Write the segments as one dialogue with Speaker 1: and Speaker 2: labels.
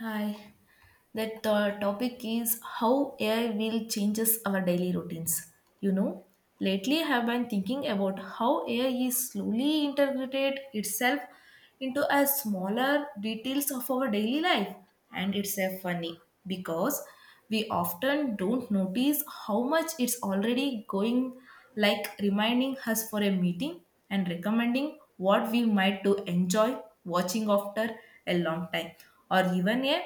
Speaker 1: Hi, that the topic is how AI will changes our daily routines. You know, lately I have been thinking about how AI is slowly integrated itself into a smaller details of our daily life, and it's a funny because we often don't notice how much it's already going, like reminding us for a meeting and recommending what we might to enjoy watching after a long time, or even a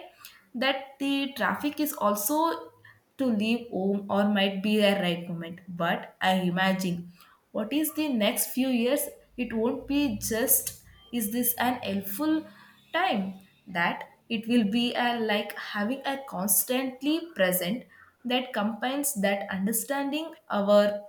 Speaker 1: that the traffic is also to leave home or might be a right moment. But I imagine what is the next few years, it won't be just is this an helpful time that it will be a, like having a constantly present that combines that understanding our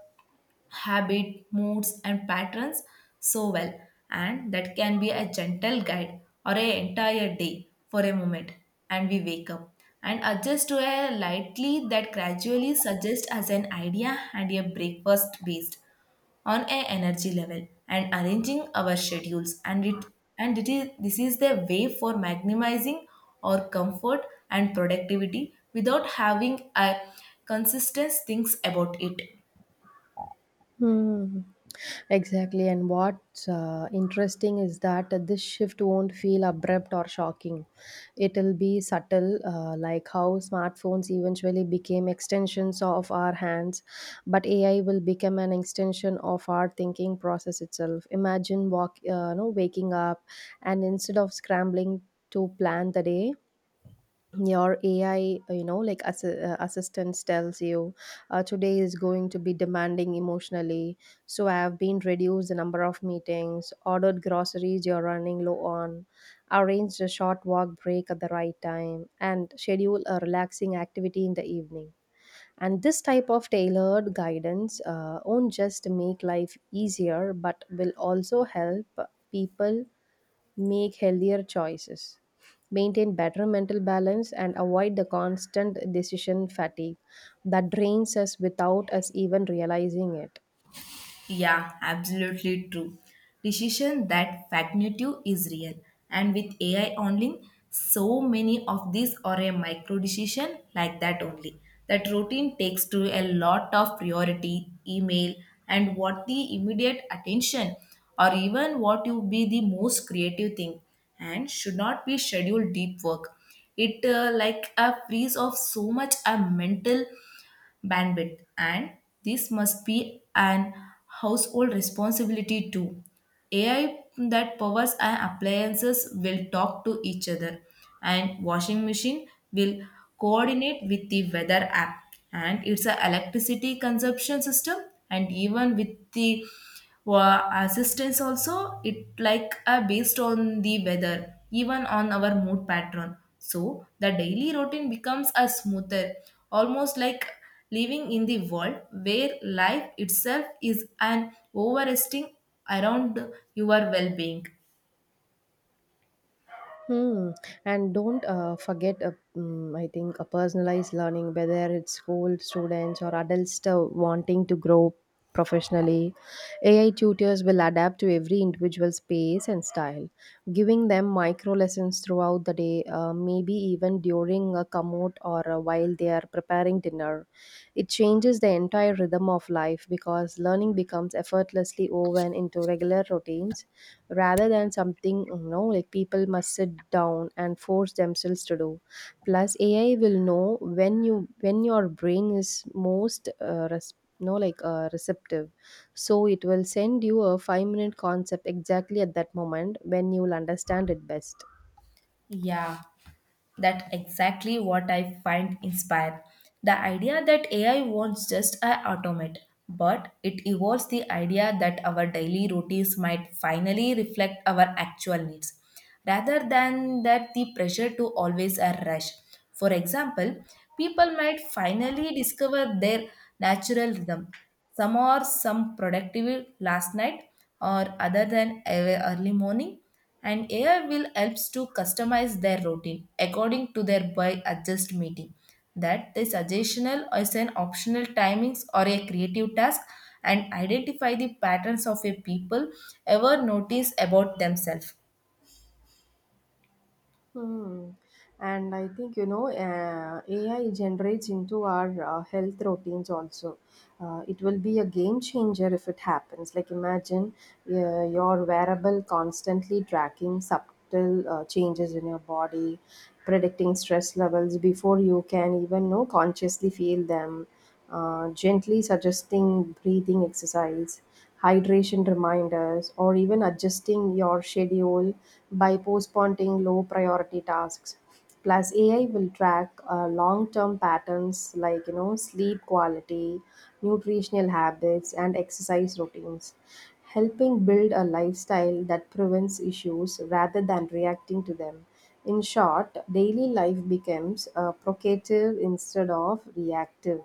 Speaker 1: habit, moods, and patterns so well, and that can be a gentle guide or an entire day for a moment. And we wake up and adjust to a lightly that gradually suggests as an idea and a breakfast based on a energy level and arranging our schedules and it is this is the way for maximizing our comfort and productivity without having a consistent things about it.
Speaker 2: Hmm. Exactly. And what's interesting is that this shift won't feel abrupt or shocking. It'll be subtle, like how smartphones eventually became extensions of our hands, but AI will become an extension of our thinking process itself. Imagine walk, no, Waking up and instead of scrambling to plan the day, your ai assistance tells you today is going to be demanding emotionally, so I have been reduced the number of meetings, ordered groceries you're running low on, arranged a short walk break at the right time, and schedule a relaxing activity in the evening. And this type of tailored guidance won't just make life easier but will also help people make healthier choices, maintain better mental balance, and avoid the constant decision fatigue that drains us without us even realizing it.
Speaker 1: Yeah, absolutely true. Decision that cognitive is real. And with AI only, so many of these are a micro decision like that only. That routine takes to a lot of priority, email, and what the immediate attention or even what you be the most creative thing and should not be scheduled deep work. It like a freeze of so much a mental bandwidth, and this must be an household responsibility too. AI that powers our appliances will talk to each other, and washing machine will coordinate with the weather app, and it's a electricity consumption system, and even with the assistance also it like based on the weather even on our mood pattern, so the daily routine becomes a smoother, almost like living in the world where life itself is an overresting around your well-being.
Speaker 2: Hmm. And don't forget, I think, a personalized learning, whether it's school students or adults wanting to grow professionally. AI tutors will adapt to every individual space and style, giving them micro lessons throughout the day, maybe even during a commute or while they are preparing dinner. It changes the entire rhythm of life because learning becomes effortlessly woven into regular routines rather than something you know like people must sit down and force themselves to do. Plus, ai will know when you when your brain is most res- no like receptive, so it will send you a 5-minute concept exactly at that moment when you will understand it best.
Speaker 1: Yeah, that's exactly what I find inspired. The idea that AI won't just automate, but it evolves the idea that our daily routines might finally reflect our actual needs, rather than that the pressure to always rush. For example, people might finally discover their natural rhythm. Some are some productive last night or other than early morning, and AI will helps to customize their routine according to their by adjust meeting. That the suggestional is an optional timings or a creative task and identify the patterns of a people ever notice about themselves.
Speaker 2: Hmm. And I think, you know, AI generates into our health routines also. It will be a game changer if it happens. Like, imagine your wearable constantly tracking subtle changes in your body, predicting stress levels before you can even know consciously feel them, gently suggesting breathing exercise, hydration reminders, or even adjusting your schedule by postponing low priority tasks. Plus, AI will track long term patterns like you know sleep quality, nutritional habits, and exercise routines, helping build a lifestyle that prevents issues rather than reacting to them. In short, daily life becomes provocative instead of reactive.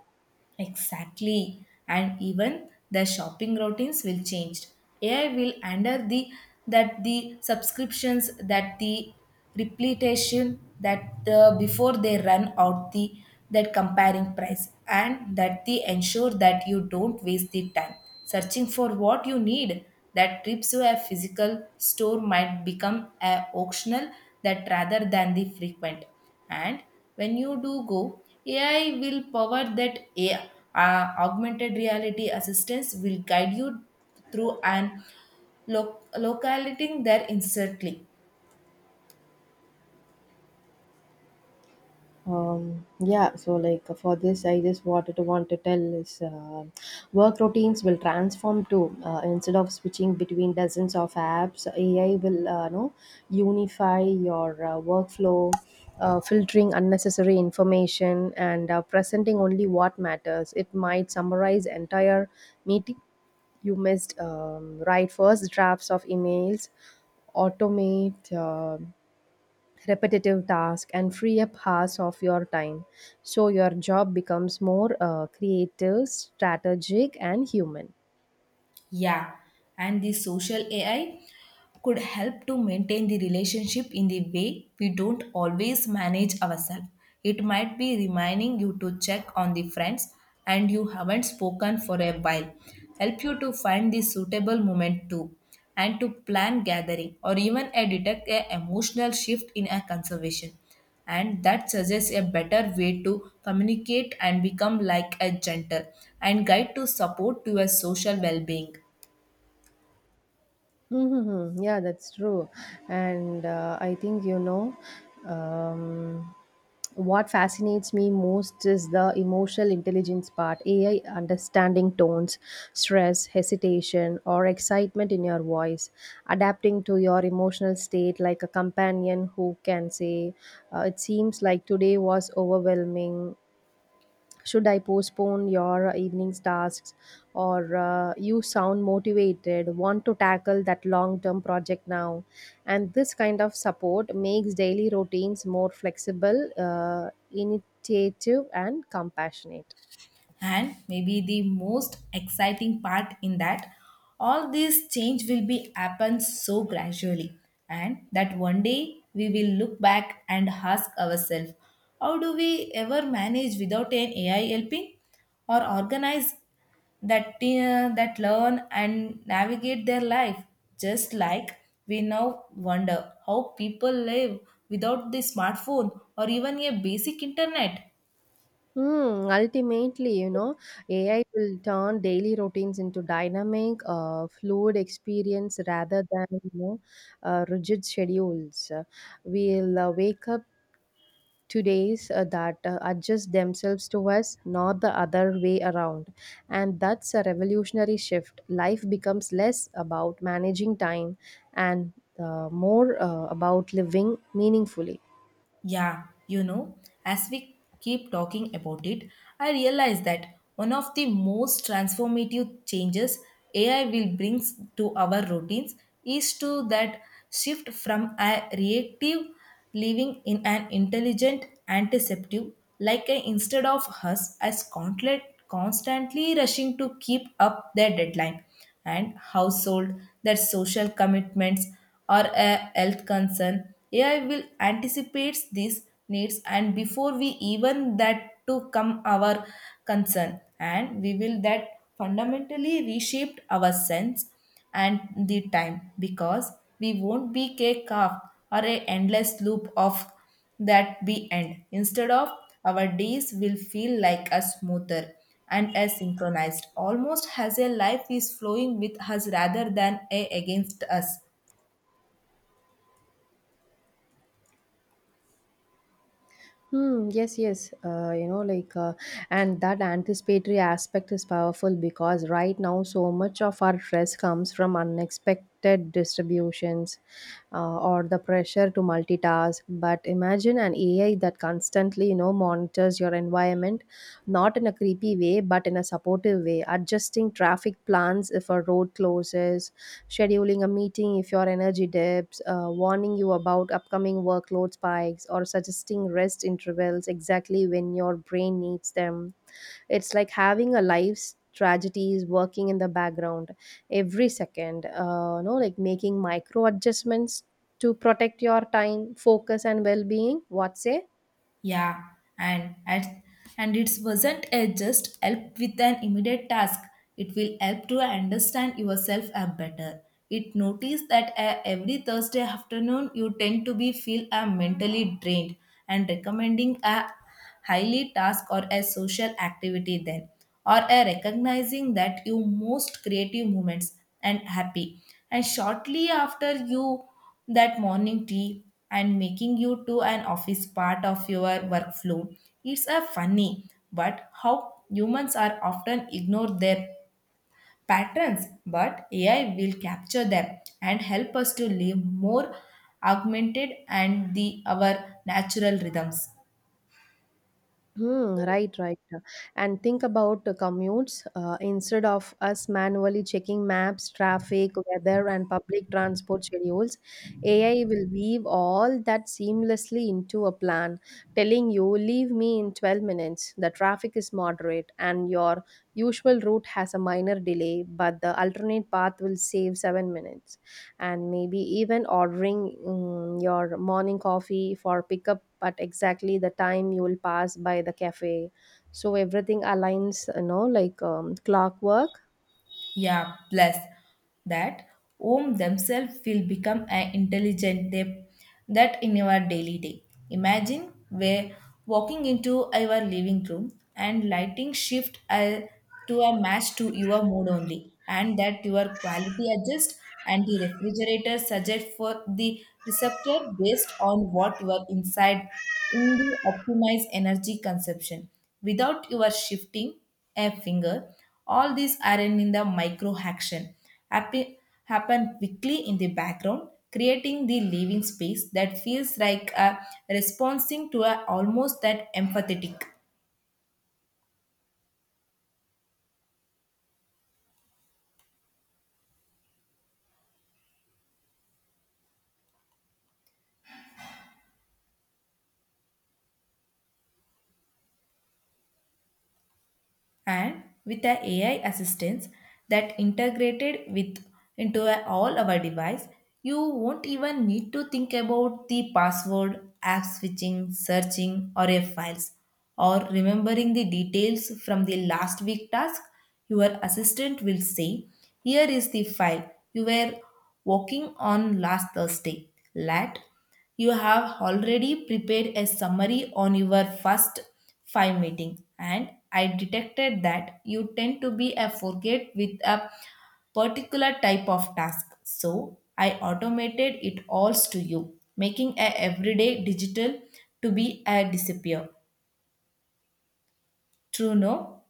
Speaker 1: Exactly. And even the shopping routines will change. AI will under the that the subscriptions that the repletion that before they run out the that comparing price and that they ensure that you don't waste the time searching for what you need that trips to a physical store might become a optional that rather than the frequent and when you do go, AI will power that AI, augmented reality assistance will guide you through and locating there instantly.
Speaker 2: For this I just want to tell is work routines will transform too. Instead of switching between dozens of apps, ai will know unify your workflow, filtering unnecessary information and presenting only what matters. It might summarize entire meeting you missed, write first drafts of emails, automate repetitive tasks, and free up hours of your time, so your job becomes more creative, strategic, and human.
Speaker 1: Yeah, and the social AI could help to maintain the relationship in the way we don't always manage ourselves. It might be reminding you to check on the friends and you haven't spoken for a while, help you to find the suitable moment too, and to plan gathering or even a detect a emotional shift in a conservation. And that suggests a better way to communicate and become like a gentle and guide to support to your social well-being.
Speaker 2: Mm-hmm. Yeah, that's true. And I think, you know, um, what fascinates me most is the emotional intelligence part, AI understanding tones, stress, hesitation, or excitement in your voice, adapting to your emotional state like a companion who can say, it seems like today was overwhelming, should I postpone your evening's tasks, or you sound motivated, want to tackle that long term project now? And this kind of support makes daily routines more flexible, initiative, and compassionate.
Speaker 1: And maybe the most exciting part in that all this change will be happen so gradually, and that one day we will look back and ask ourselves how do we ever manage without an AI helping or organize that that learn and navigate their life just like we now wonder how people live without the smartphone or even a basic internet.
Speaker 2: Hmm, ultimately, you know, AI will turn daily routines into dynamic, fluid experience rather than, you know, rigid schedules. We'll wake up today's that adjust themselves to us, not the other way around. And that's a revolutionary shift. Life becomes less about managing time and more about living meaningfully.
Speaker 1: Yeah, you know, as we keep talking about it, I realize that one of the most transformative changes AI will bring to our routines is to that shift from a reactive living in an intelligent antiseptic, like a, instead of us as constantly rushing to keep up their deadline and household, their social commitments or a health concern. AI will anticipate these needs and before we even that to come our concern, and we will that fundamentally reshaped our sense and the time because we won't be cake off or a endless loop of that be end. Instead of our days will feel like a smoother and as synchronized, almost as a life is flowing with us rather than a against us.
Speaker 2: Hmm. Yes. Yes. And that anticipatory aspect is powerful because right now, so much of our stress comes from unexpected distributions, or the pressure to multitask. But imagine an AI that constantly, you know, monitors your environment, not in a creepy sneaky way, but in a supportive way, adjusting traffic plans if a road closes, scheduling a meeting if your energy dips, warning you about upcoming workload spikes, or suggesting rest intervals exactly when your brain needs them. It's like having a life's tragedies working in the background every second, no, like making micro adjustments to protect your time, focus, and well being. What say?
Speaker 1: Yeah, and at, and it wasn't a just help with an immediate task. It will help to understand yourself a better. It notice that every Thursday afternoon you tend to be feel mentally drained and recommending a highly task or a social activity then or a recognizing that you most creative moments and happy and shortly after you that morning tea and making you to an office part of your workflow. It's a funny, but how humans are often ignore their patterns, but AI will capture them and help us to live more augmented and the our natural rhythms.
Speaker 2: Hmm, right, right. And think about the commutes. Instead of us manually checking maps, traffic, weather, and public transport schedules, AI will weave all that seamlessly into a plan, telling you, leave me in 12 minutes. The traffic is moderate, and your usual route has a minor delay, but the alternate path will save 7 minutes, and maybe even ordering, mm, your morning coffee for pickup at exactly the time you will pass by the cafe, so everything aligns you know like clockwork.
Speaker 1: Yeah, plus that Om themselves will become an intelligent they, that in your daily day. Imagine where walking into your living room and lighting shift to a match to your mood only, and that your quality adjust and the refrigerator suggest for the receptor based on what you are inside in the optimized energy consumption without your shifting a finger. All these are in the micro action happen, happen quickly in the background, creating the living space that feels like a responding to a almost that empathetic. And with a AI assistance that integrated with all our device, you won't even need to think about the password, app switching, searching, or a files, or remembering the details from the last week task. Your assistant will say, "Here is the file you were working on last Thursday." Lat you have already prepared a summary on your first 5 meeting, and I detected that you tend to be a forget with a particular type of task, so I automated it all to you, making a everyday digital to be a disappear, true no.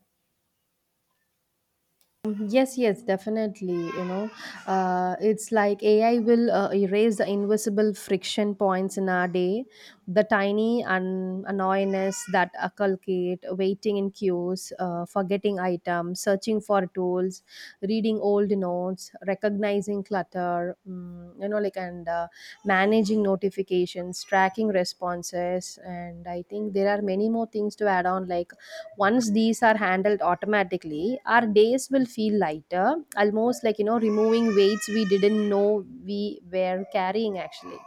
Speaker 2: Mm-hmm. Yes, yes, definitely. You know, it's like AI will erase the invisible friction points in our day, the tiny annoyance that inculcate waiting in queues, forgetting items, searching for tools, reading old notes, recognizing clutter, mm, you know, like and managing notifications, tracking responses, and I think there are many more things to add on, like once these are handled automatically, our days will feel lighter almost like you know removing weights we didn't know we were carrying actually.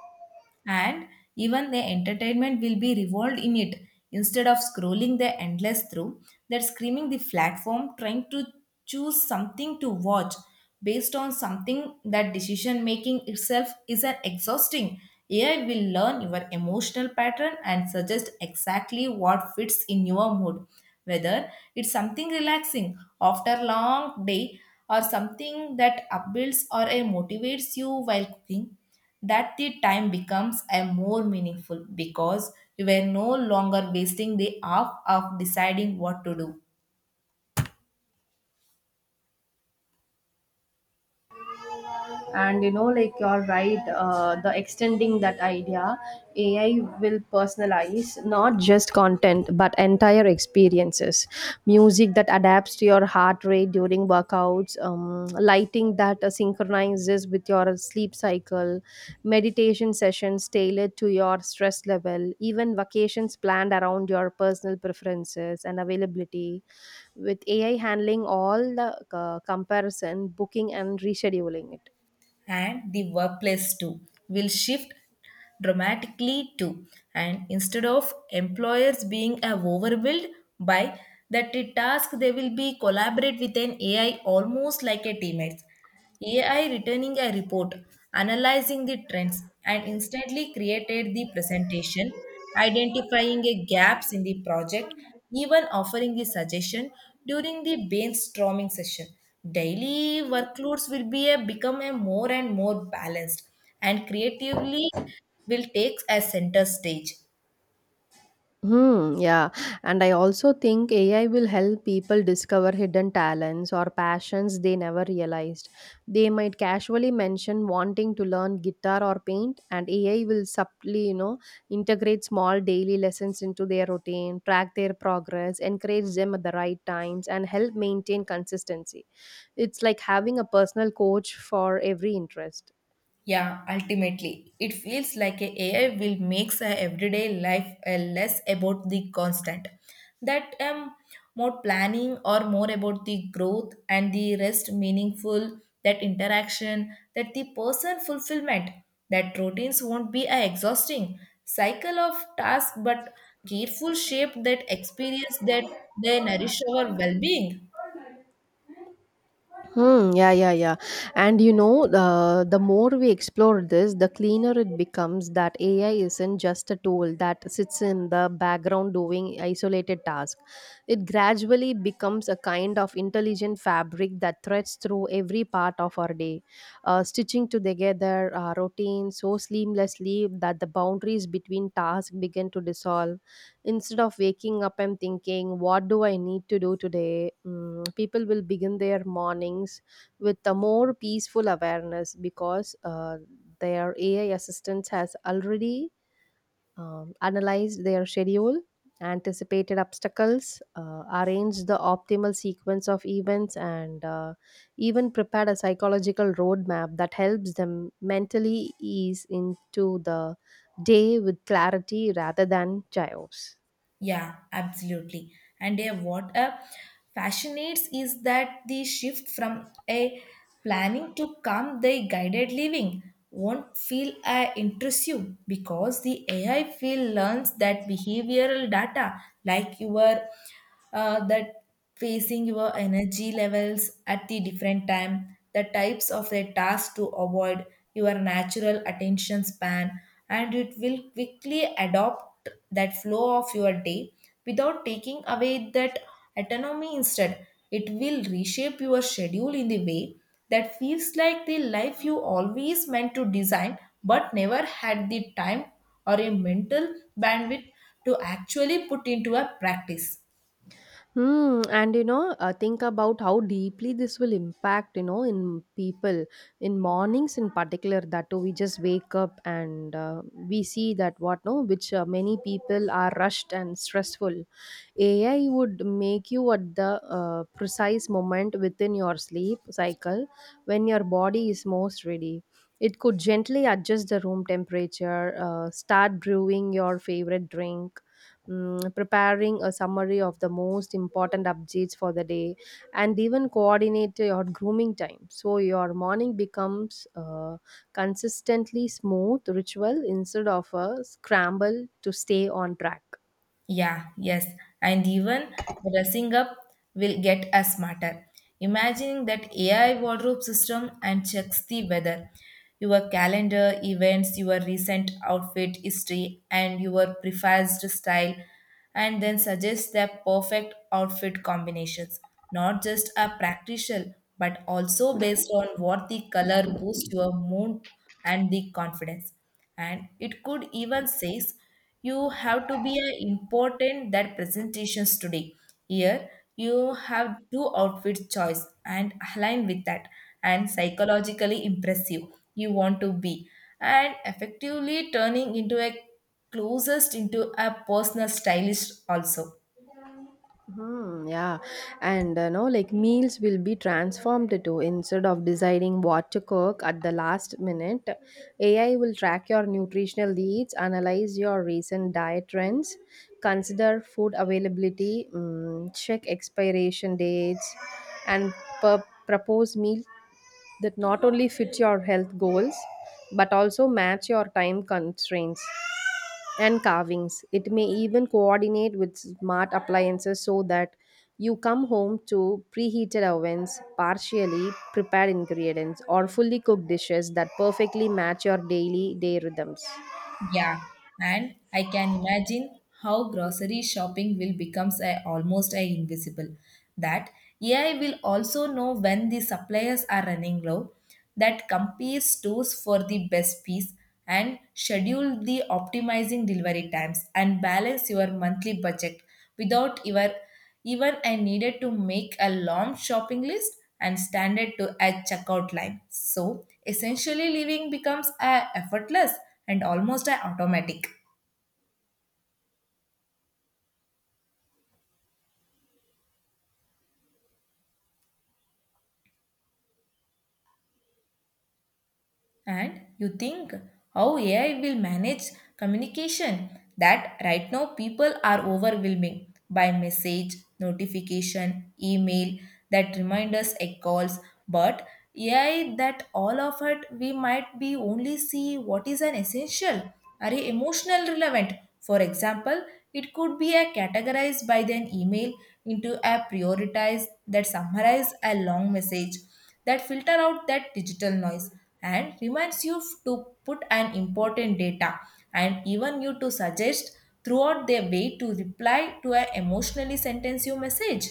Speaker 1: And even the entertainment will be revolved in it, instead of scrolling the endless through that screaming the platform trying to choose something to watch based on something that decision making itself is an exhausting. AI will learn your emotional pattern and suggest exactly what fits in your mood, whether it's something relaxing after a long day or something that upbuilds or motivates you while cooking, that the time becomes a more meaningful because you were no longer wasting the hour of deciding what to do.
Speaker 2: And you know like you're right, the extending that idea, ai will personalize not just content but entire experiences, music that adapts to your heart rate during workouts, lighting that synchronizes with your sleep cycle, meditation sessions tailored to your stress level, even vacations planned around your personal preferences and availability, with ai handling all the comparison, booking, and rescheduling it.
Speaker 1: And the workplace too will shift dramatically too, and instead of employers being overwhelmed by that the task they will be collaborate with an AI almost like a teammates. AI returning a report, analyzing the trends, and instantly created the presentation identifying a gaps in the project, even offering the suggestion during the brainstorming session. Daily workloads will be a, become a more and more balanced and creatively will take a center stage.
Speaker 2: Hmm, yeah. And I also think AI will help people discover hidden talents or passions they never realized. They might casually mention wanting to learn guitar or paint, and AI will subtly, you know, integrate small daily lessons into their routine, track their progress, encourage them at the right times, and help maintain consistency. It's like having a personal coach for every interest.
Speaker 1: Yeah, ultimately, it feels like a AI will makes our everyday life less about the constant, that more planning or more about the growth and the rest meaningful, that interaction, that the person fulfillment, that routines won't be a exhausting cycle of task, but careful shape that experience that they nourish our well-being.
Speaker 2: Hmm, yeah, yeah, yeah. And you know, the more we explore this, the cleaner it becomes that AI isn't just a tool that sits in the background doing isolated tasks. It gradually becomes a kind of intelligent fabric that threads through every part of our day, stitching to together our routine so seamlessly that the boundaries between tasks begin to dissolve. Instead of waking up and thinking, what do I need to do today? Mm, people will begin their mornings with a more peaceful awareness because their AI assistant has already analyzed their schedule, anticipated obstacles, arranged the optimal sequence of events, and even prepared a psychological roadmap that helps them mentally ease into the day with clarity rather than chaos.
Speaker 1: Yeah, absolutely. And yeah, what fascinates is that the shift from a planning to come the guided living won't feel intrusive because the AI field learns that behavioral data like your that facing your energy levels at the different time, the types of a task to avoid, your natural attention span, and it will quickly adopt that flow of your day without taking away that autonomy. Instead it will reshape your schedule in the way that feels like the life you always meant to design but never had the time or a mental bandwidth to actually put into a practice.
Speaker 2: Hmm, and you know, think about how deeply this will impact, you know, in people, in mornings in particular, that too, we just wake up and we see that what, no, which many people are rushed and stressful. AI would make you at the precise moment within your sleep cycle when your body is most ready. It could gently adjust the room temperature, start brewing your favorite drink, mm, preparing a summary of the most important updates for the day, and even coordinate your grooming time. So your morning becomes consistently smooth ritual instead of a scramble to stay on track.
Speaker 1: Yeah, yes. And even dressing up will get us smarter. Imagining that AI wardrobe system and checks the weather, your calendar, events, your recent outfit history, and your preferred style, and then suggests the perfect outfit combinations. Not just a practical, but also based on what the color boosts your mood and the confidence. And it could even says you have to be a important that presentations today, here you have two outfit choice and align with that and psychologically impressive you want to be and effectively turning into a closest into a personal stylist also.
Speaker 2: Hmm, yeah, and no, like meals will be transformed too. Instead of deciding what to cook at the last minute, AI will track your nutritional needs, analyze your recent diet trends, consider food availability, mm, check expiration dates, and propose meal that not only fit your health goals but also match your time constraints and carvings. It may even coordinate with smart appliances so that you come home to preheated ovens, partially prepared ingredients, or fully cooked dishes that perfectly match your daily day rhythms.
Speaker 1: Yeah, and I can imagine how grocery shopping will becomes a, almost a invisible. That AI will also know when the suppliers are running low, that compare stores for the best piece and schedule the optimizing delivery times and balance your monthly budget without your even I needed to make a long shopping list and standard to a checkout line. So essentially living becomes a effortless and almost a automatic. And you think how AI will manage communication that right now people are overwhelming by message, notification, email that reminders and calls, but AI that all of it we might be only see what is an essential or a emotional relevant. For example, it could be a categorized by an email into a prioritized that summarize a long message that filter out that digital noise and reminds you to put an important data and even you to suggest throughout their way to reply to an emotionally sentence you message.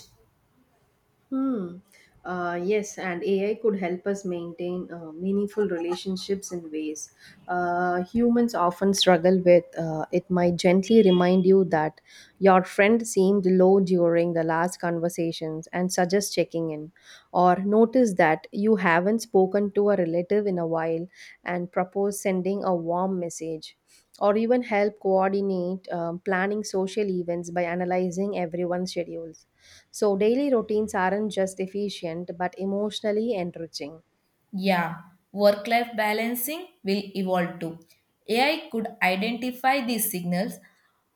Speaker 2: Hmm. Yes, and AI could help us maintain meaningful relationships in ways humans often struggle with. It might gently remind you that your friend seemed low during the last conversations and suggest checking in, or notice that you haven't spoken to a relative in a while and propose sending a warm message. Or even help coordinate planning social events by analyzing everyone's schedules, so daily routines aren't just efficient but emotionally enriching.
Speaker 1: Yeah, work life balancing will evolve too. AI could identify these signals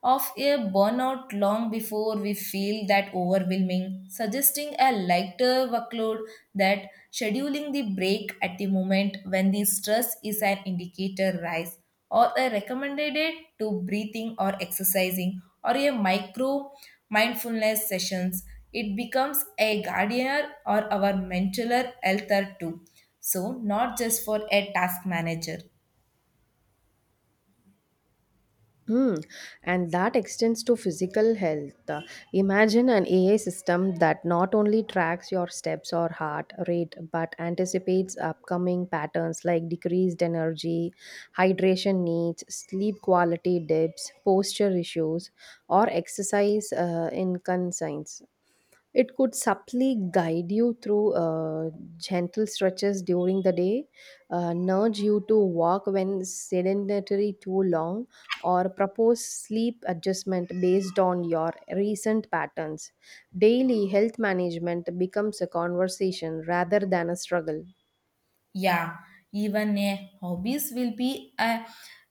Speaker 1: of a burnout long before we feel that overwhelming, suggesting a lighter workload that scheduling the break at the moment when the stress is an indicator rise or a recommended it to breathing or exercising or a micro mindfulness sessions. It becomes a guardian or our mental health too, so not just for a task manager.
Speaker 2: Hmm. And that extends to physical health. Imagine an AI system that not only tracks your steps or heart rate but anticipates upcoming patterns like decreased energy, hydration needs, sleep quality dips, posture issues, or exercise inconsistencies. It could subtly guide you through gentle stretches during the day, nudge you to walk when sedentary too long, or propose sleep adjustment based on your recent patterns. Daily health management becomes a conversation rather than a struggle.
Speaker 1: Yeah, even a hobbies will be a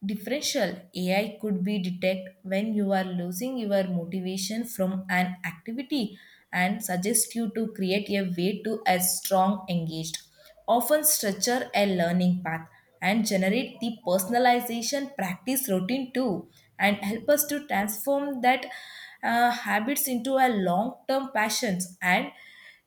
Speaker 1: differential. AI could be detect when you are losing your motivation from an activity and suggest you to create a way to a strong engaged. Often structure a learning path and generate the personalization practice routine too and help us to transform that habits into a long term passions. And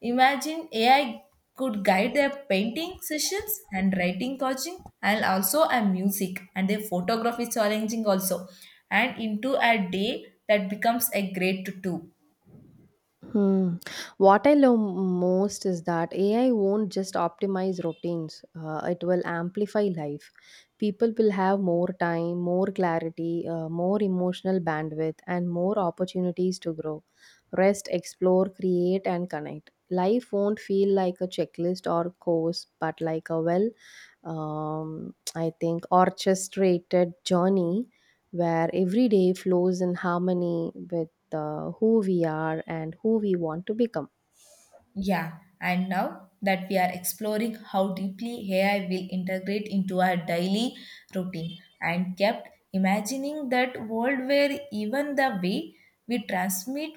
Speaker 1: imagine AI could guide their painting sessions and writing coaching and also a music and their photography challenging also and into a day that becomes a great to do.
Speaker 2: Hmm. What I love most is that AI won't just optimize routines, it will amplify life. People will have more time, more clarity, more emotional bandwidth, and more opportunities to grow, rest, explore, create, and connect. Life won't feel like a checklist or course, but like a well, I think, orchestrated journey where every day flows in harmony with the who we are and who we want to become.
Speaker 1: Yeah, and now that we are exploring how deeply AI will integrate into our daily routine and kept imagining that world where even the way we transmit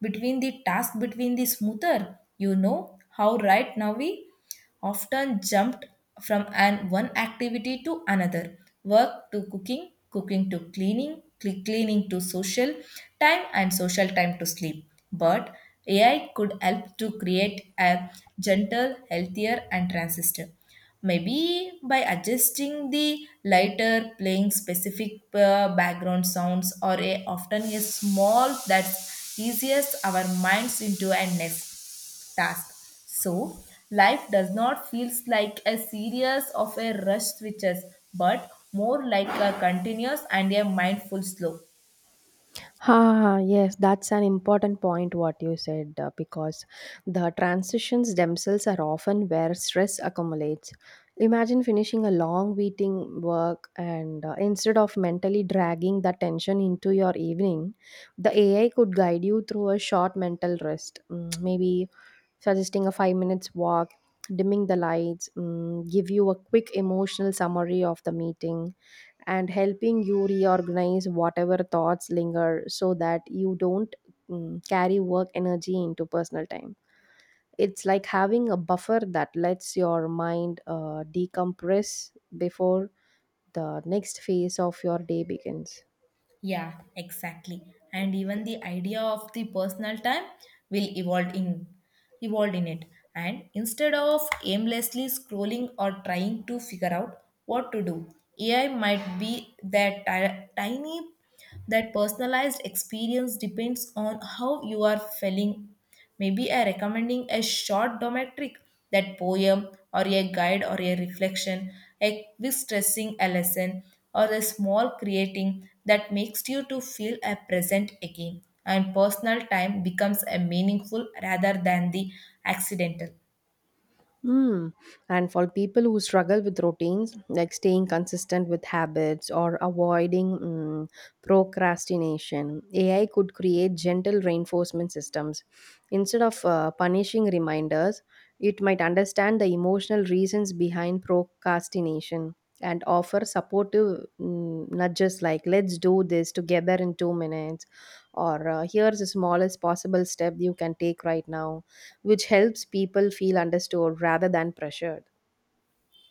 Speaker 1: between the task between the smoother, you know how right now we often jumped from an one activity to another, work to cooking to cleaning, cleaning to social time and social time to sleep, but AI could help to create a gentle healthier and transistor, maybe by adjusting the lighter playing specific background sounds or a, often a small that eases our minds into a nest task. So, life does not feel like a series of a rush switches, but more like a continuous and a mindful slow.
Speaker 2: Ah, yes, that's an important point what you said because the transitions themselves are often where stress accumulates. Imagine finishing a long meeting work and instead of mentally dragging the tension into your evening, the AI could guide you through a short mental rest, mm, maybe suggesting a 5 minutes walk, dimming the lights, mm, give you a quick emotional summary of the meeting and helping you reorganize whatever thoughts linger so that you don't, mm, carry work energy into personal time. It's like having a buffer that lets your mind decompress before the next phase of your day begins.
Speaker 1: Yeah, exactly. And even the idea of the personal time will evolve in it. And instead of aimlessly scrolling or trying to figure out what to do, AI might be that tiny. That personalized experience depends on how you are feeling. Maybe I recommending a short dometric, that poem or a guide or a reflection, a quick stressing a lesson or a small creating that makes you to feel a present again, and personal time becomes a meaningful rather than the accidental.
Speaker 2: Mm. And for people who struggle with routines, like staying consistent with habits or avoiding, mm, procrastination, AI could create gentle reinforcement systems. Instead of punishing reminders, it might understand the emotional reasons behind procrastination and offer supportive, mm, nudges like, let's do this together in 2 minutes, or here's the smallest possible step you can take right now, which helps people feel understood rather than pressured.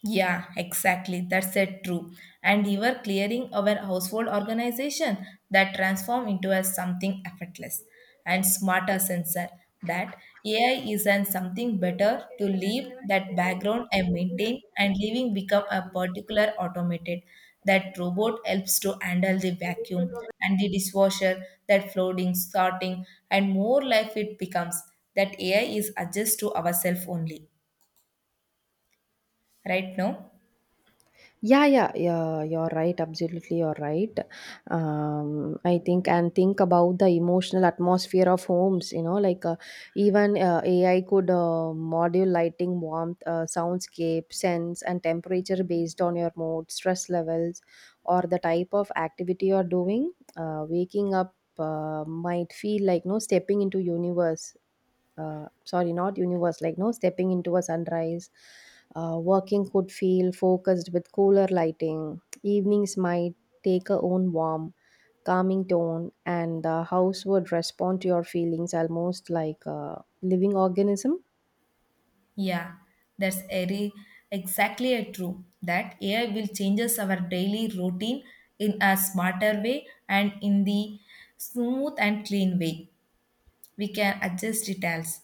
Speaker 1: Yeah, exactly. That's it true. And we were clearing our household organization that transform into a something effortless and smarter sensor, that AI is an something better to leave that background and maintain and leaving become a particular automated, that robot helps to handle the vacuum and the dishwasher that floating sorting and more life it becomes that AI is adjust to ourselves only right now.
Speaker 2: Yeah, yeah, yeah, you're right. Absolutely, you're right. I think and think about the emotional atmosphere of homes, you know, like even AI could module lighting, warmth, soundscape, sense, and temperature based on your mood, stress levels, or the type of activity you're doing. Waking up might feel like no stepping into universe, sorry, not universe, like no stepping into a sunrise. Working could feel focused with cooler lighting. Evenings might take a own warm, calming tone, and the house would respond to your feelings almost like a living organism.
Speaker 1: Yeah, that's very exactly a true that AI will changes our daily routine in a smarter way and in the smooth and clean way. We can adjust details,